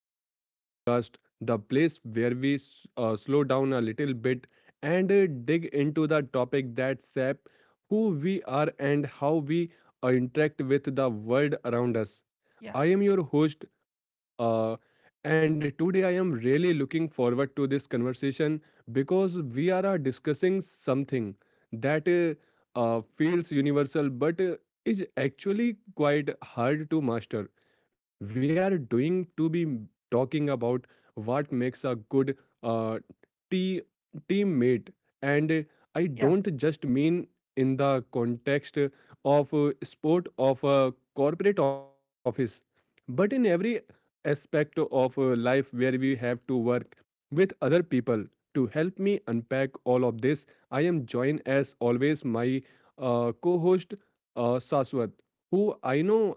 back to the podcast, the place where we slow down a little bit and dig into the topic that sap who we are and how we interact with the world around us. Yeah, I am your host, uh, and today I am really looking forward to this conversation because we are discussing something that feels universal but is actually quite hard to master. We are doing to be talking about what makes a good uh, te- teammate, and I yeah, don't just mean in the context of sport of a corporate office but in every aspect of life where we have to work with other people. To help me unpack all of this, I am joined as always my co host Saswat, who I know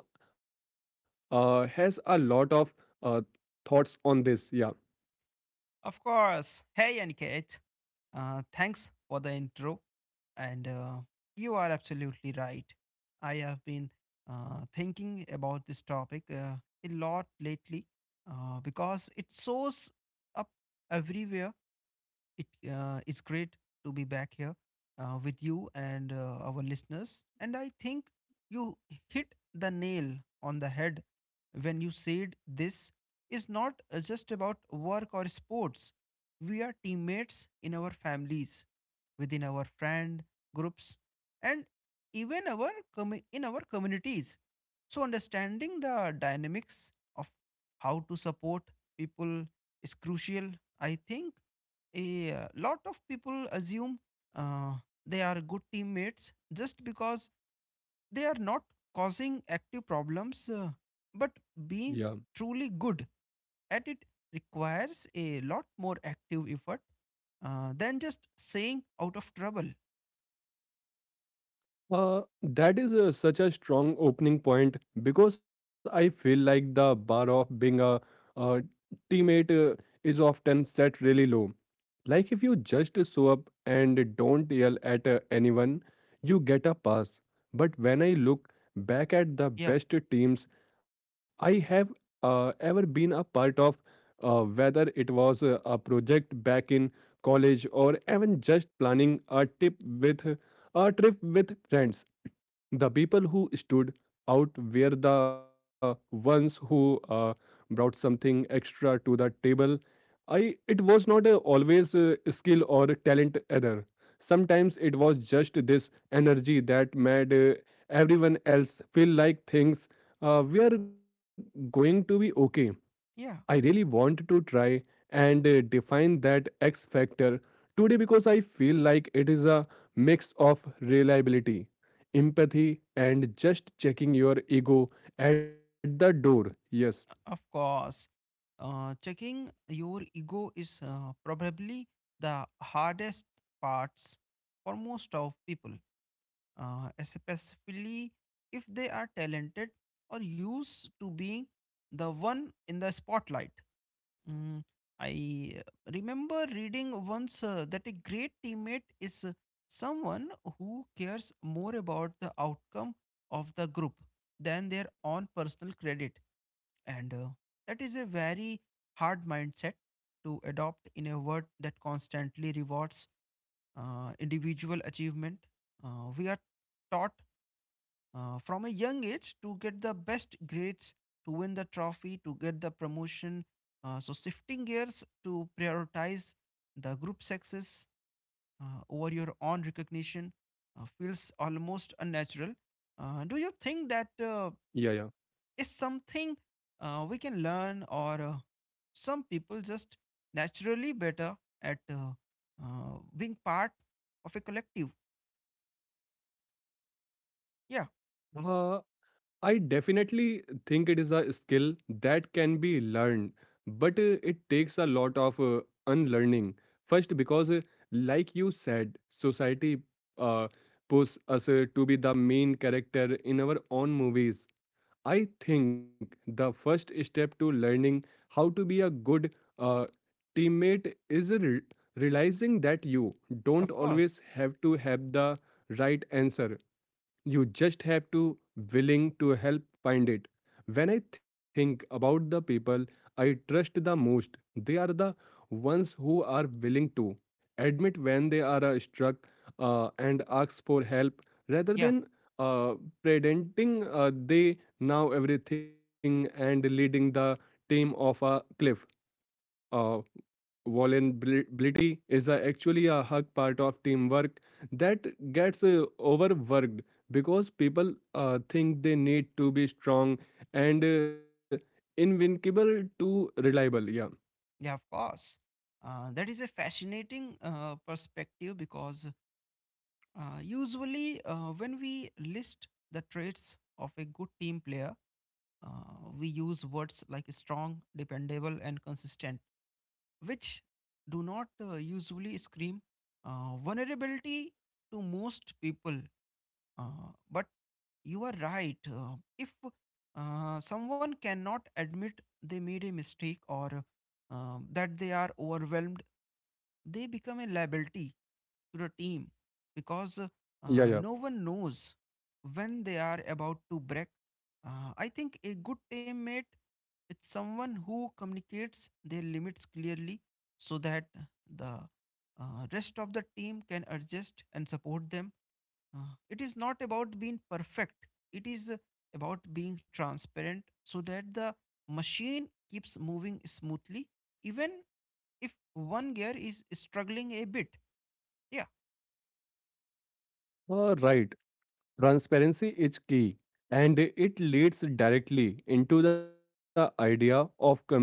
has a lot of uh, thoughts on this. of course. Hey, Aniket, thanks for the intro. And you are absolutely right. I have been thinking about this topic a lot lately because it shows up everywhere. It it's great to be back here with you and our listeners. And I think you hit the nail on the head when you said this is not just about work or sports. We are teammates in our families, within our friend groups, and even our in our communities. So understanding the dynamics of how to support people is crucial. I think a lot of people assume uh, they are good teammates just because they are not causing active problems, but Yeah. being truly good at it requires a lot more active effort than just saying out of trouble. That is such a strong opening point because I feel like the bar of being a teammate is often set really low. Like if you just show up and don't yell at anyone, you get a pass. But when I look back at the Yeah, best teams I have ever been a part of, whether it was a project back in college or even just planning a trip with friends. The people who stood out were the ones who brought something extra to the table. I it was not always skill or talent either. Sometimes it was just this energy that made everyone else feel like things were going to be okay. I yeah, really want to try and define that X factor today because I feel like it is a mix of reliability, empathy, and just checking your ego at the door. Yes, of course. Checking your ego is probably the hardest parts for most of people, especially if they are talented or used to being the one in the spotlight. Mm, I remember reading once that a great teammate is someone who cares more about the outcome of the group than their own personal credit. And that is a very hard mindset to adopt in a world that constantly rewards individual achievement. We are taught from a young age to get the best grades, to win the trophy, to get the promotion. So, shifting gears to prioritize the group success over your own recognition feels almost unnatural. Do you think yeah, that yeah. Is something we can learn, or some people just naturally better at being part of a collective? Uh, Yeah, I definitely think it is a skill that can be learned, but it takes a lot of unlearning. First, because, like you said, society uh, pushes us to be the main character in our own movies. I think the first step to learning how to be a good uh, teammate is realizing that you don't of always course. have to have the right answer you just have to willing to help find it. When I think about the people I trust the most, they are the ones who are willing to admit when they are struck and ask for help rather Yeah. than uh, pretending they know everything and leading the team off a cliff. Uh, vulnerability is actually a hard part of teamwork that gets overworked because people think they need to be strong and invincible to reliable Yeah, of course. That is a fascinating perspective because usually when we list the traits of a good team player, we use words like strong, dependable, and consistent, which do not usually scream vulnerability to most people. But you are right. If someone cannot admit they made a mistake or that they are overwhelmed, they become a liability to the team because yeah yeah no one knows when they are about to break. I think a good teammate is someone who communicates their limits clearly so that the rest of the team can adjust and support them. It is not about being perfect. It is about being transparent so that the machine keeps moving smoothly, even if one gear is struggling a bit. Yeah, right. Transparency is key and it leads directly into the idea of communication,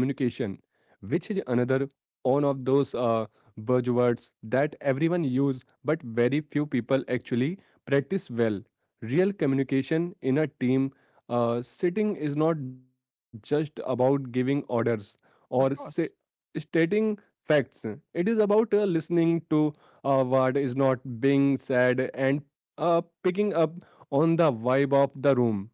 which is another one of those buzzwords that everyone use but very few people actually practice well. Real communication in a team sitting is not just about giving orders or say, of course. stating facts. It is about listening to what is not being said and picking up on the vibe of the room.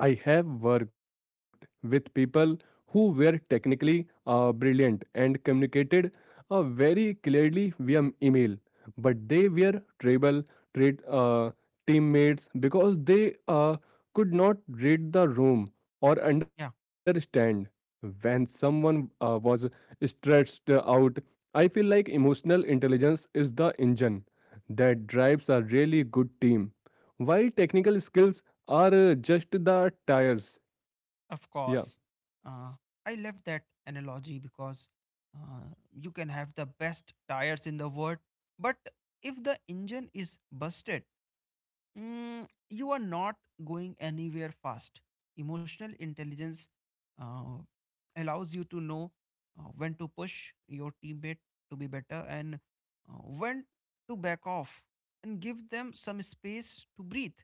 I have worked with people who were technically brilliant and communicated very clearly via email, but they were tribal treat, uh, teammates because they could not read the room or Yeah, understand. When someone was stretched out, I feel like emotional intelligence is the engine that drives a really good team. While technical skills are just the tires. Yeah. of course. Uh, I love that analogy because you can have the best tires in the world, but if the engine is busted, you are not going anywhere fast. Emotional intelligence uh, allows you to know when to push your teammate to be better and when to back off and give them some space to breathe.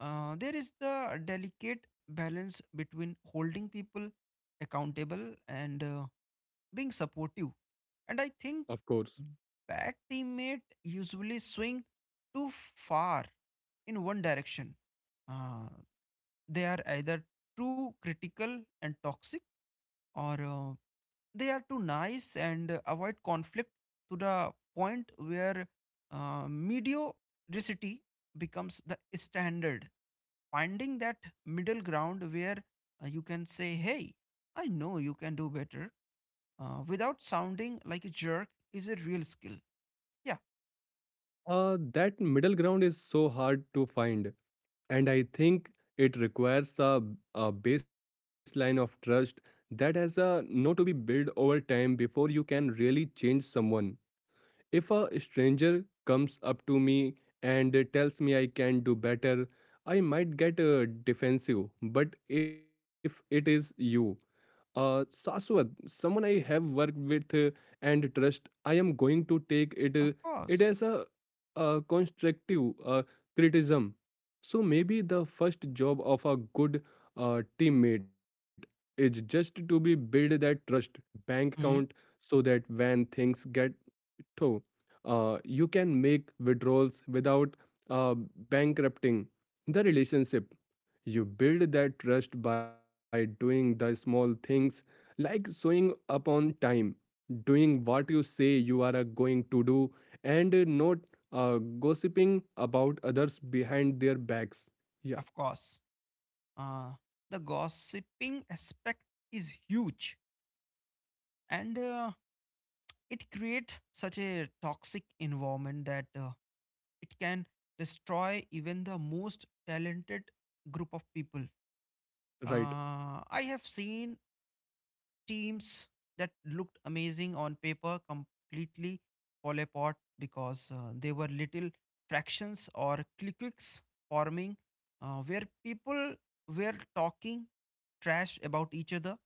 There is the delicate balance between holding people accountable and being supportive. And I Of think course. bad teammate usually swing too far in one direction. Uh, they are either too critical and toxic, or they are too nice and avoid conflict to the point where mediocrity becomes the standard. Finding that middle ground where you can say, "Hey, I know you can do better," without sounding like a jerk is a real skill. Yeah, That middle ground is so hard to find, and I think it requires a baseline of trust that has a no to be built over time before you can really change someone. If a stranger comes up to me and tells me I can do better, I might get defensive. But if it is you Saswat, someone I have worked with and trust, I am going to take of it course. as constructive criticism. So maybe the first job of a good teammate is just to be build that trust bank account Hmm. so that when things get so, you can make withdrawals without uh, bankrupting the relationship. You build that trust by doing the small things like showing up on time, doing what you say you are going to do, and not gossiping about others behind their backs. Yeah, Of course. Uh, the gossiping aspect is huge and it creates such a toxic environment that it can destroy even the most talented group of people. right. I have seen teams that looked amazing on paper completely fall apart because they were little fractions or cliques forming where people were talking trash about each other.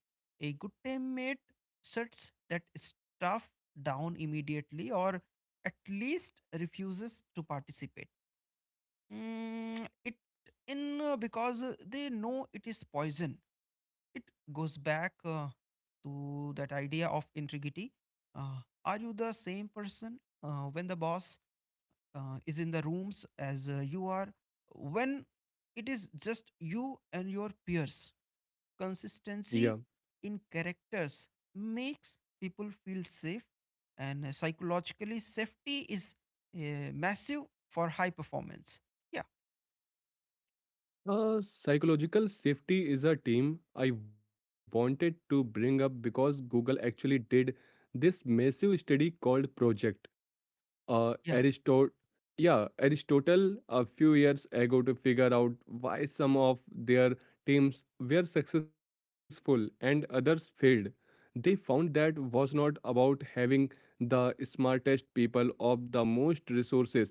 A good teammate sets that stuff down immediately or at least refuses to participate. Mm, it in Because they know it is poison. It goes back to that idea of integrity. Are you the same person when the boss is in the rooms as you are when it is just you and your peers? Yeah. Consistency in characters makes people feel safe, and psychologically, safety is massive for high performance. Yeah, Psychological safety is a team I wanted to bring up because Google actually did this massive study called Project yeah, Aristotle. Yeah, Aristotle a few years ago to figure out why some of their teams were successful and others failed. They found that was not about having the smartest people or the most resources.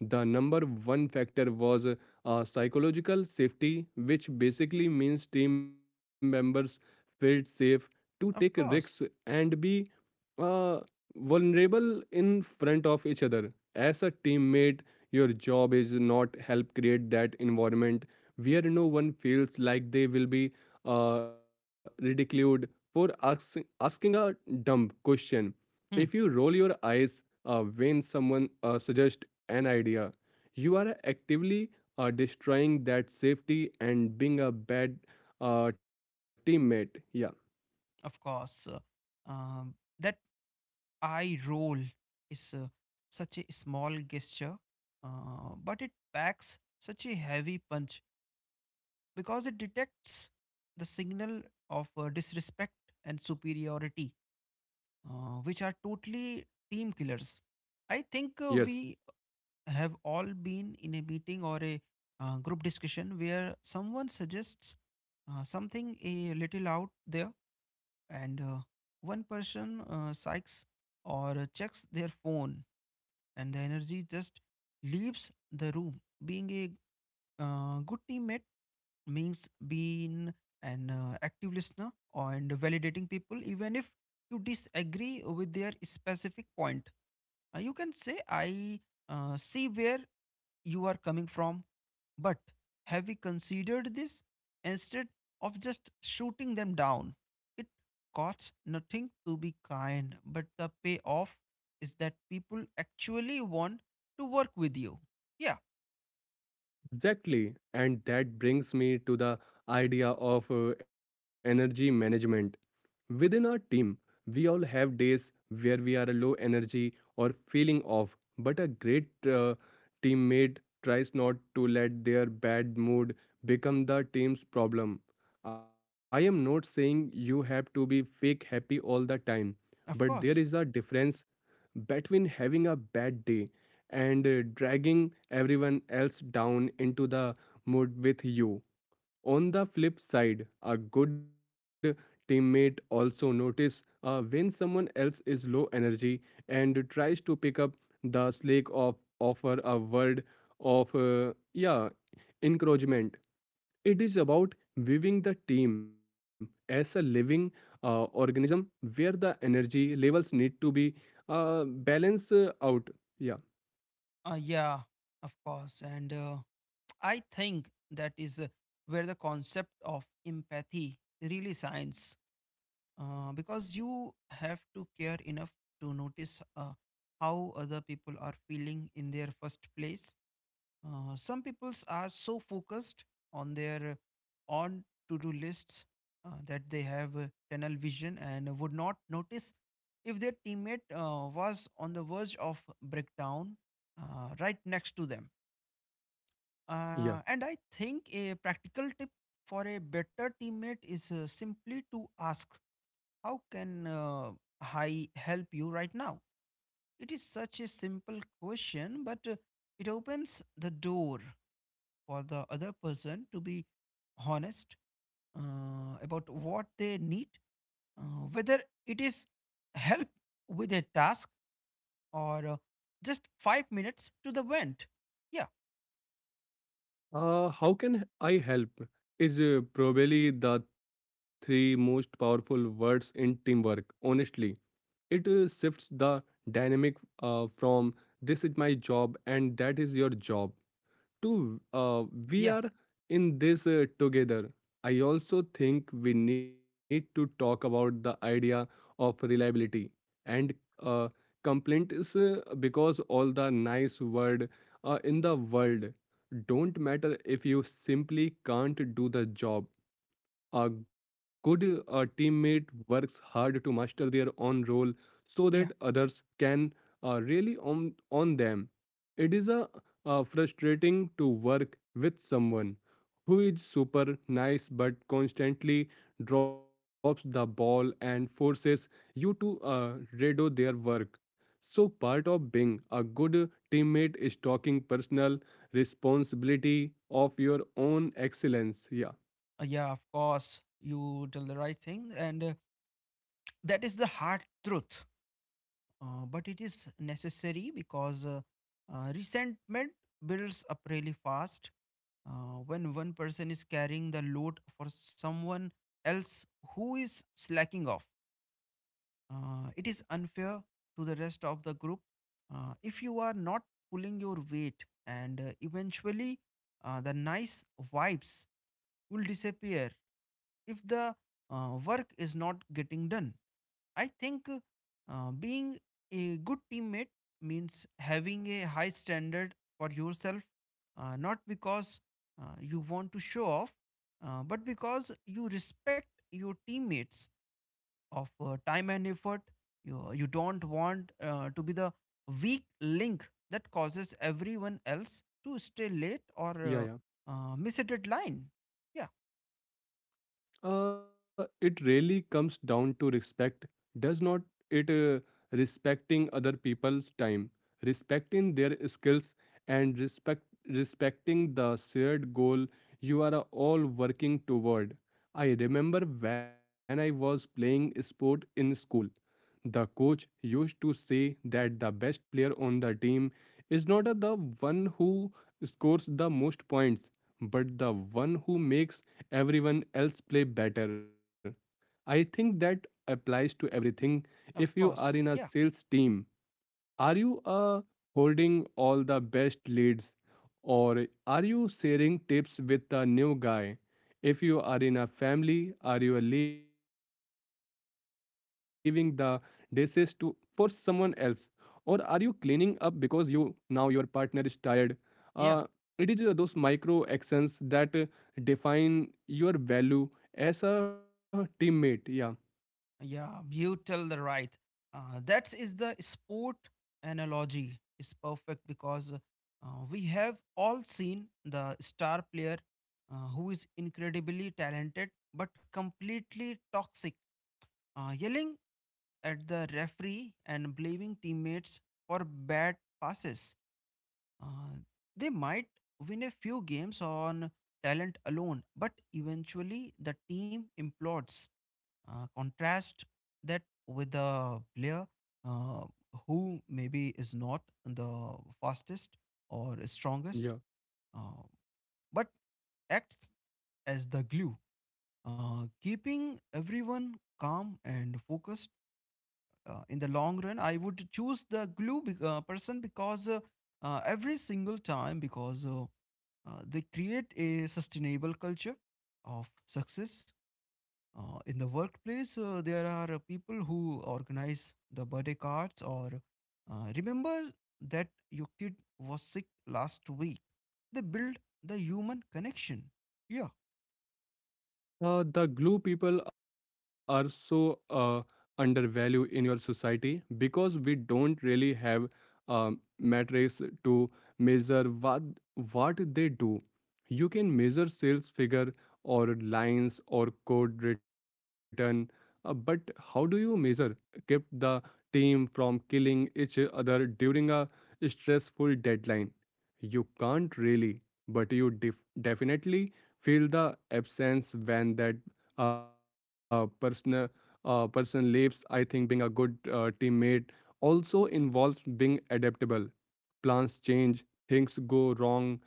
The number one factor was psychological safety, which basically means team members felt safe to take of risks course. and be uh, vulnerable in front of each other. As a teammate, your job is not help create that environment where no one feels like they will be ridiculed for asking a dumb question. If you Hmm, roll your eyes when someone suggests an idea, you are actively destroying that safety and being a bad teammate. Yeah. of course. That eye roll is such a small gesture, but it packs such a heavy punch because it detects the signal of disrespect and superiority, which are totally team killers. I think Yes. We have all been in a meeting or a group discussion where someone suggests something a little out there and one person psychs or checks their phone and the energy just leaves the room. Being a good teammate means being an active listener and validating people, even if you disagree with their specific point. You can say, I see where you are coming from. But have we considered this instead of just shooting them down? It costs nothing to be kind, but the payoff is that people actually want to work with you. Yeah, Exactly. And that brings me to the idea of energy management. Within our team, we all have days where we are low energy or feeling off, but a great teammate tries not to let their bad mood become the team's problem. I am not saying you have to be fake happy all the time, but of there is a course. difference between having a bad day and dragging everyone else down into the mood with you. On the flip side, a good teammate also notices when someone else is low energy and tries to pick up the slack of offer a word of encouragement. It is about viewing the team as a living organism where the energy levels need to be balanced out. Yeah, Yeah, of course. And I think that is where the concept of empathy really shines because you have to care enough to notice how other people are feeling in their first place. Some peoples are so focused on their on to-do lists that they have tunnel vision and would not notice if their teammate was on the verge of breakdown right next to them. yeah. And I think a practical tip for a better teammate is simply to ask, "How can I help you right now?" It is such a simple question, but it opens the door for the other person to be honest about what they need, whether it is help with a task or just 5 minutes to the vent. Yeah, How can I help? Is probably the three most powerful words in teamwork. Honestly, it shifts the dynamic from this is my job and that is your job to we yeah, are in this together. I also think we need to talk about the idea of reliability and uh, complaints because all the nice word in the world don't matter if you simply can't do the job. A good teammate works hard to master their own role so that yeah, others can really on them. It is frustrating to work with someone who is super nice but constantly drops the ball and forces you to redo their work. So, part of being a good teammate is talking personal responsibility of your own excellence. Yeah, yeah. Of course, you tell the right thing, and that is the hard truth. But it is necessary because resentment builds up really fast when one person is carrying the load for someone else who is slacking off. It is unfair to the rest of the group if you are not pulling your weight, and eventually the nice vibes will disappear if the work is not getting done. I think being a good teammate means having a high standard for yourself, not because you want to show off, but because you respect your teammates of time and effort. You don't want to be the weak link that causes everyone else to stay late or yeah, yeah. Miss a deadline. Yeah, It really comes down to respect. Does not it respecting other people's time, respecting their skills, and respecting the shared goal you are all working toward. I remember when I was playing sport in school. The coach used to say that the best player on the team is not the one who scores the most points, but the one who makes everyone else play better. I think that applies to everything. If you of are in a course. Yeah, sales team, are you holding all the best leads or are you sharing tips with a new guy? If you are in a family, are you leaving the dishes to for someone else or are you cleaning up because you now your partner is tired? Uh, it yeah. is those micro actions that define your value as a teammate. Yeah, Yeah, you tell the right. That is the sport analogy is perfect because we have all seen the star player who is incredibly talented but completely toxic, yelling at the referee and blaming teammates for bad passes. Uh, they might win a few games on talent alone, but eventually the team implodes. Contrast that with a player uh, who maybe is not the fastest or yeah. strongest, uh, but acts as the glue, keeping everyone calm and focused in the long run. I would choose the glue person because every single time because they create a sustainable culture of success in the workplace. There are people who organize the birthday cards or remember that your kid was sick last week. They build the human connection. Yeah, The glue people are so uh, undervalued in your society because we don't really have metrics to measure what they do. You can measure sales figure or lines or code written, but how do you measure kept the team from killing each other during a stressful deadline? You can't really, but you definitely feel the absence when that uh, person person leaves. I think being a good teammate also involves being adaptable. Plans change, things go wrong,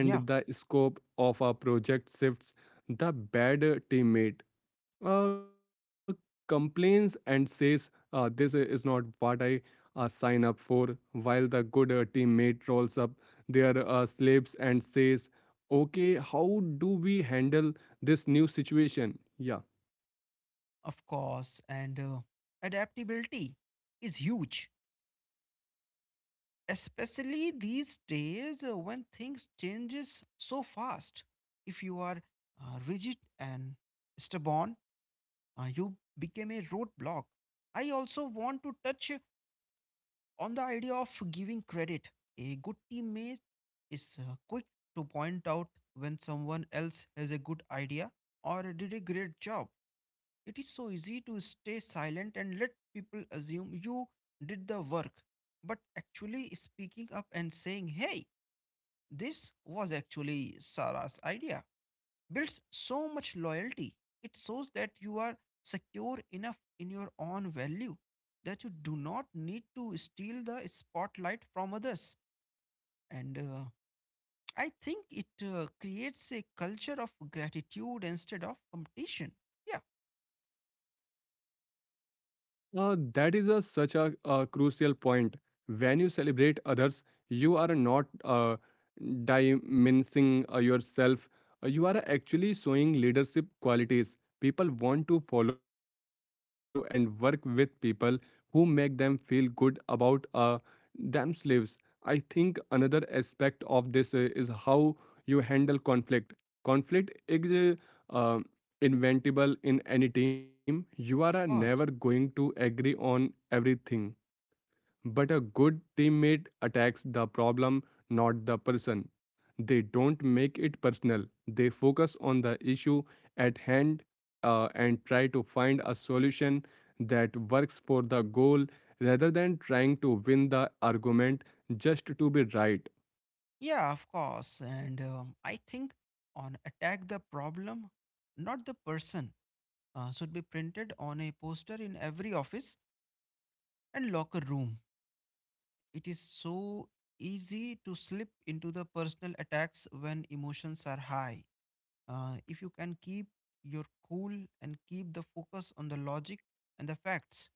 yeah, the scope of a project shifts, the bad teammate uh, complains and says, this is not what I sign up for, while the good teammate rolls up their sleeves and says, okay, how do we handle this new situation? Yeah, of course. And adaptability is huge, especially these days when things changes so fast. If you are rigid and stubborn, you become a roadblock. I also want to touch on the idea of giving credit. A good teammate is quick to point out when someone else has a good idea or did a great job. It is so easy to stay silent and let people assume you did the work, but actually speaking up and saying, hey, this was actually Sarah's idea. Builds so much loyalty. It shows that you are secure enough in your own value that you do not need to steal the spotlight from others. And I think it creates a culture of gratitude instead of competition. Yeah, uh, that is a, such a crucial point. When you celebrate others, you are not diminishing yourself. You are actually showing leadership qualities. People want to follow and work with people who make them feel good about themselves. I think another aspect of this is how you handle conflict. Conflict is, uh, inventable in any team. You are of course. never going to agree on everything, but a good teammate attacks the problem, not the person. They don't make it personal, they focus on the issue at hand and try to find a solution that works for the goal rather than trying to win the argument just to be right. Yeah, of course. And I think on attack the problem, not the person, should be printed on a poster in every office and locker room. It is so easy to slip into the personal attacks when emotions are high. If you can keep your cool and keep the focus on the logic and the facts,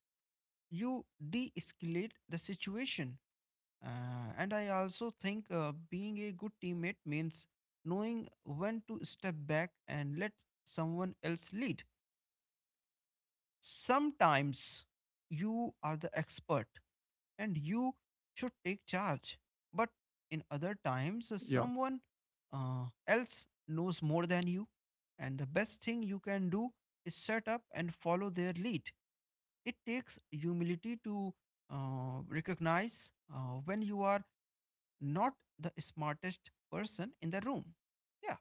you de escalate the situation. And I also think being a good teammate means knowing when to step back and let someone else lead sometimes. You are the expert and you should take charge, but in other times, someone Yeah. Else knows more than you, and the best thing you can do is set up and follow their lead. It takes humility to recognize when you are not the smartest person in the room. Yeah,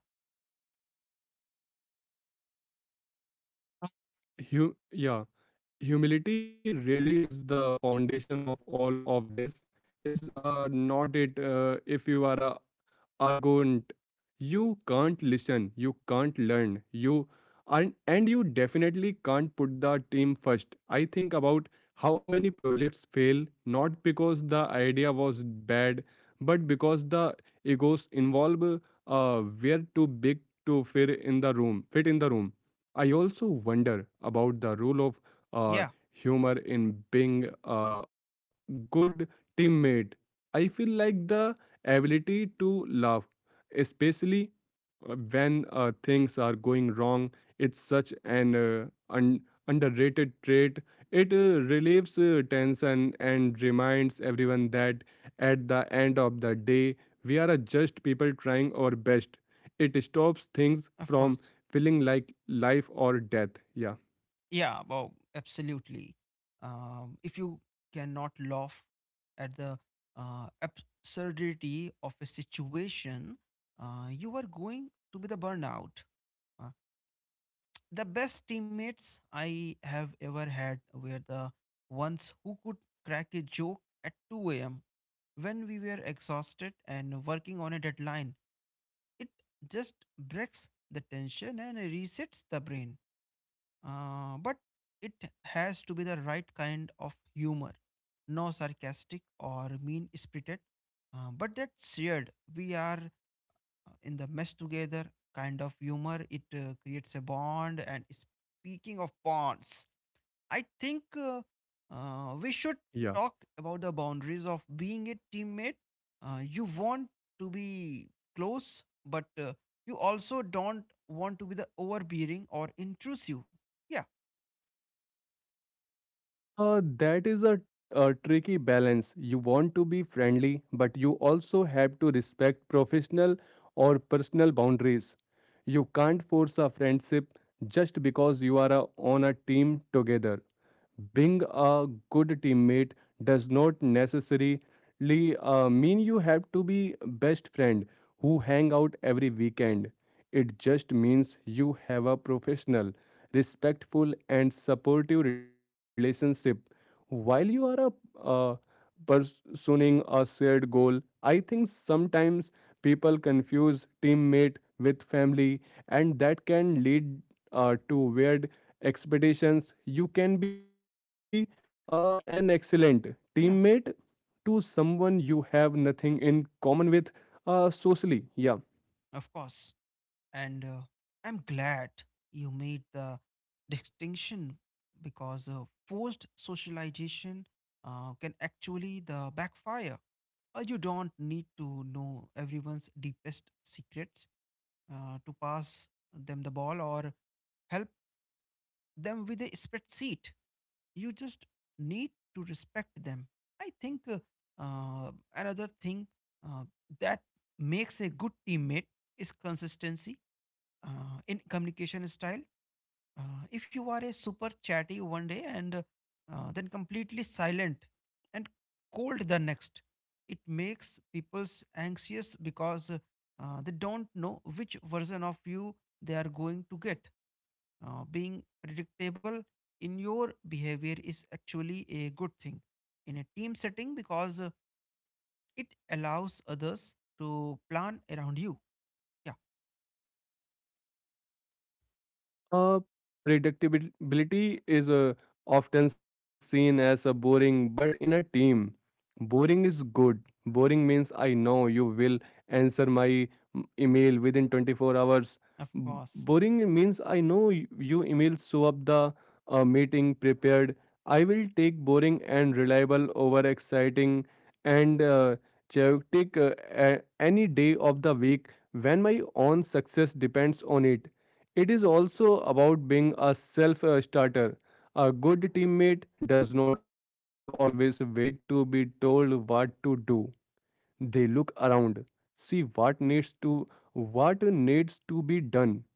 Yeah, humility really is the foundation of all of this. Is not it if you are a arrogant. You can't listen, you can't learn, you aren't, and you definitely can't put the team first. I think about how many projects fail not because the idea was bad, but because the egos involved were too big to fit in the room. Fit in the room. I also wonder about the role of yeah, uh, humor in being a good teammate. I feel like the ability to love, especially when things are going wrong. It's such an un- underrated trait. It relieves tension and reminds everyone that at the end of the day, we are just people trying our best. It stops things from of course. feeling like life or death. Yeah, Yeah, well, absolutely. If you cannot laugh at the absurdity of a situation, you are going to be the burnout. Uh, the best teammates I have ever had were the ones who could crack a joke at 2 a.m. when we were exhausted and working on a deadline. It just breaks the tension and resets the brain. But it has to be the right kind of humor, no sarcastic or mean spirited, but that's shared. We are in the mess together kind of humor. It creates a bond. And speaking of bonds, I think we should yeah. talk about the boundaries of being a teammate. You want to be close, but you also don't want to be the overbearing or intrusive. Yeah, That is a tricky balance. You want to be friendly, but you also have to respect professional or personal boundaries. You can't force a friendship just because you are on a team together, being a good teammate does not necessarily mean you have to be best friend who hang out every weekend. It just means you have a professional, respectful and supportive relationship while you are uh, pursuing a shared goal. I think sometimes people confuse teammate with family and that can lead to weird expectations. You can be an excellent teammate yeah. to someone you have nothing in common with socially, yeah. Of course. And I'm glad you made the distinction because forced socialization can actually the backfire. You don't need to know everyone's deepest secrets to pass them the ball or help them with a spreadsheet. You just need to respect them. I think another thing uh, that makes a good teammate is consistency in communication style. If you are a super chatty one day, and then completely silent and cold the next, it makes people's anxious because they don't know which version of you they are going to get. Being predictable in your behavior is actually a good thing in a team setting because it allows others to plan around you. Yeah, Uh, Predictability is often seen as a boring, but in a team, boring is good. Boring means I know you will answer my email within 24 hours. Of Boring course. means I know you email show up the meeting prepared. I will take boring and reliable over exciting and chaotic any day of the week when my own success depends on it. It is also about being a self starter. A good teammate does not always wait to be told what to do. They look around, see what needs to be done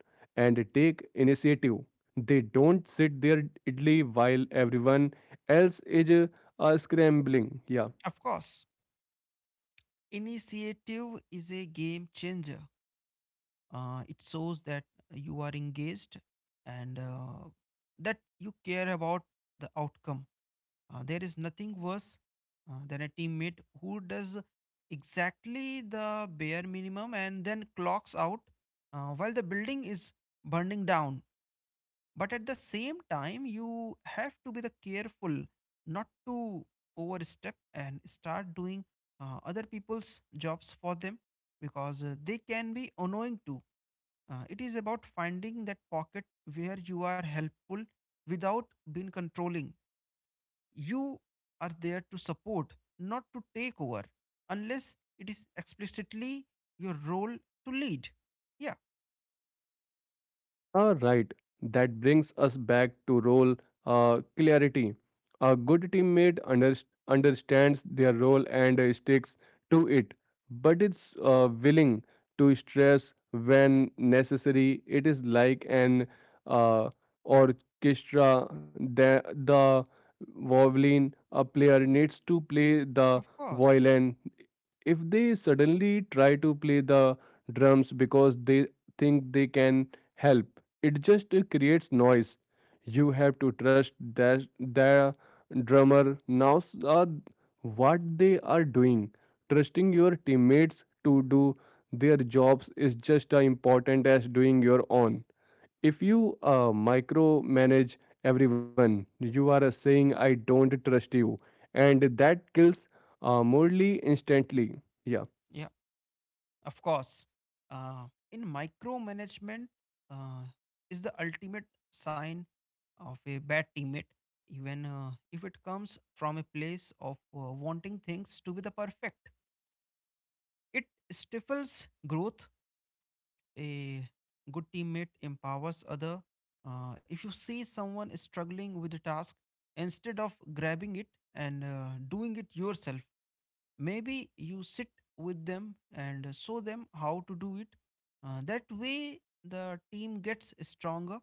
and take initiative. They don't sit there idly while everyone else is scrambling. Yeah. Of course. Initiative is a game changer. It shows that you are engaged and that you care about the outcome. There is nothing worse than a teammate who does exactly the bare minimum and then clocks out while the building is burning down. But at the same time, you have to be the careful not to overstep and start doing other people's jobs for them, because they can be annoying too. It is about finding that pocket where you are helpful without being controlling. You are there to support, not to take over unless it is explicitly your role to lead. Yeah, All right, that brings us back to role clarity. A good teammate understands their role and sticks to it, but it's willing to stress when necessary. It is like an uh, orchestra. The violin, a player needs to play the of course. violin. If they suddenly try to play the drums because they think they can help. It just creates noise. You have to trust that the drummer knows what they are doing. Trusting your teammates to do their jobs is just as important as doing your own. If you micromanage everyone, you are saying, I don't trust you. And that kills morally instantly. Yeah. Of course, in micromanagement uh, is the ultimate sign of a bad teammate, even if it comes from a place of wanting things to be the perfect. It stifles growth. A good teammate empowers other. If you see someone struggling with a task, instead of grabbing it and doing it yourself, maybe you sit with them and show them how to do it. That way the team gets stronger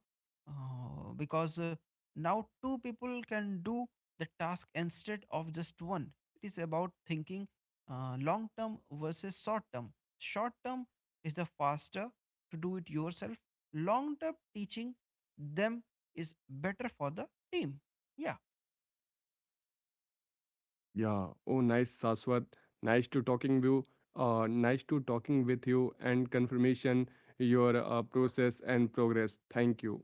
because now two people can do the task instead of just one. It is about thinking long term versus short term. Short term is the faster to do it yourself. Long term teaching them is better for the team. Yeah. Yeah. Oh, nice, Saswat. Nice to talking you. Nice to talking with you and confirmation your process and progress. Thank you.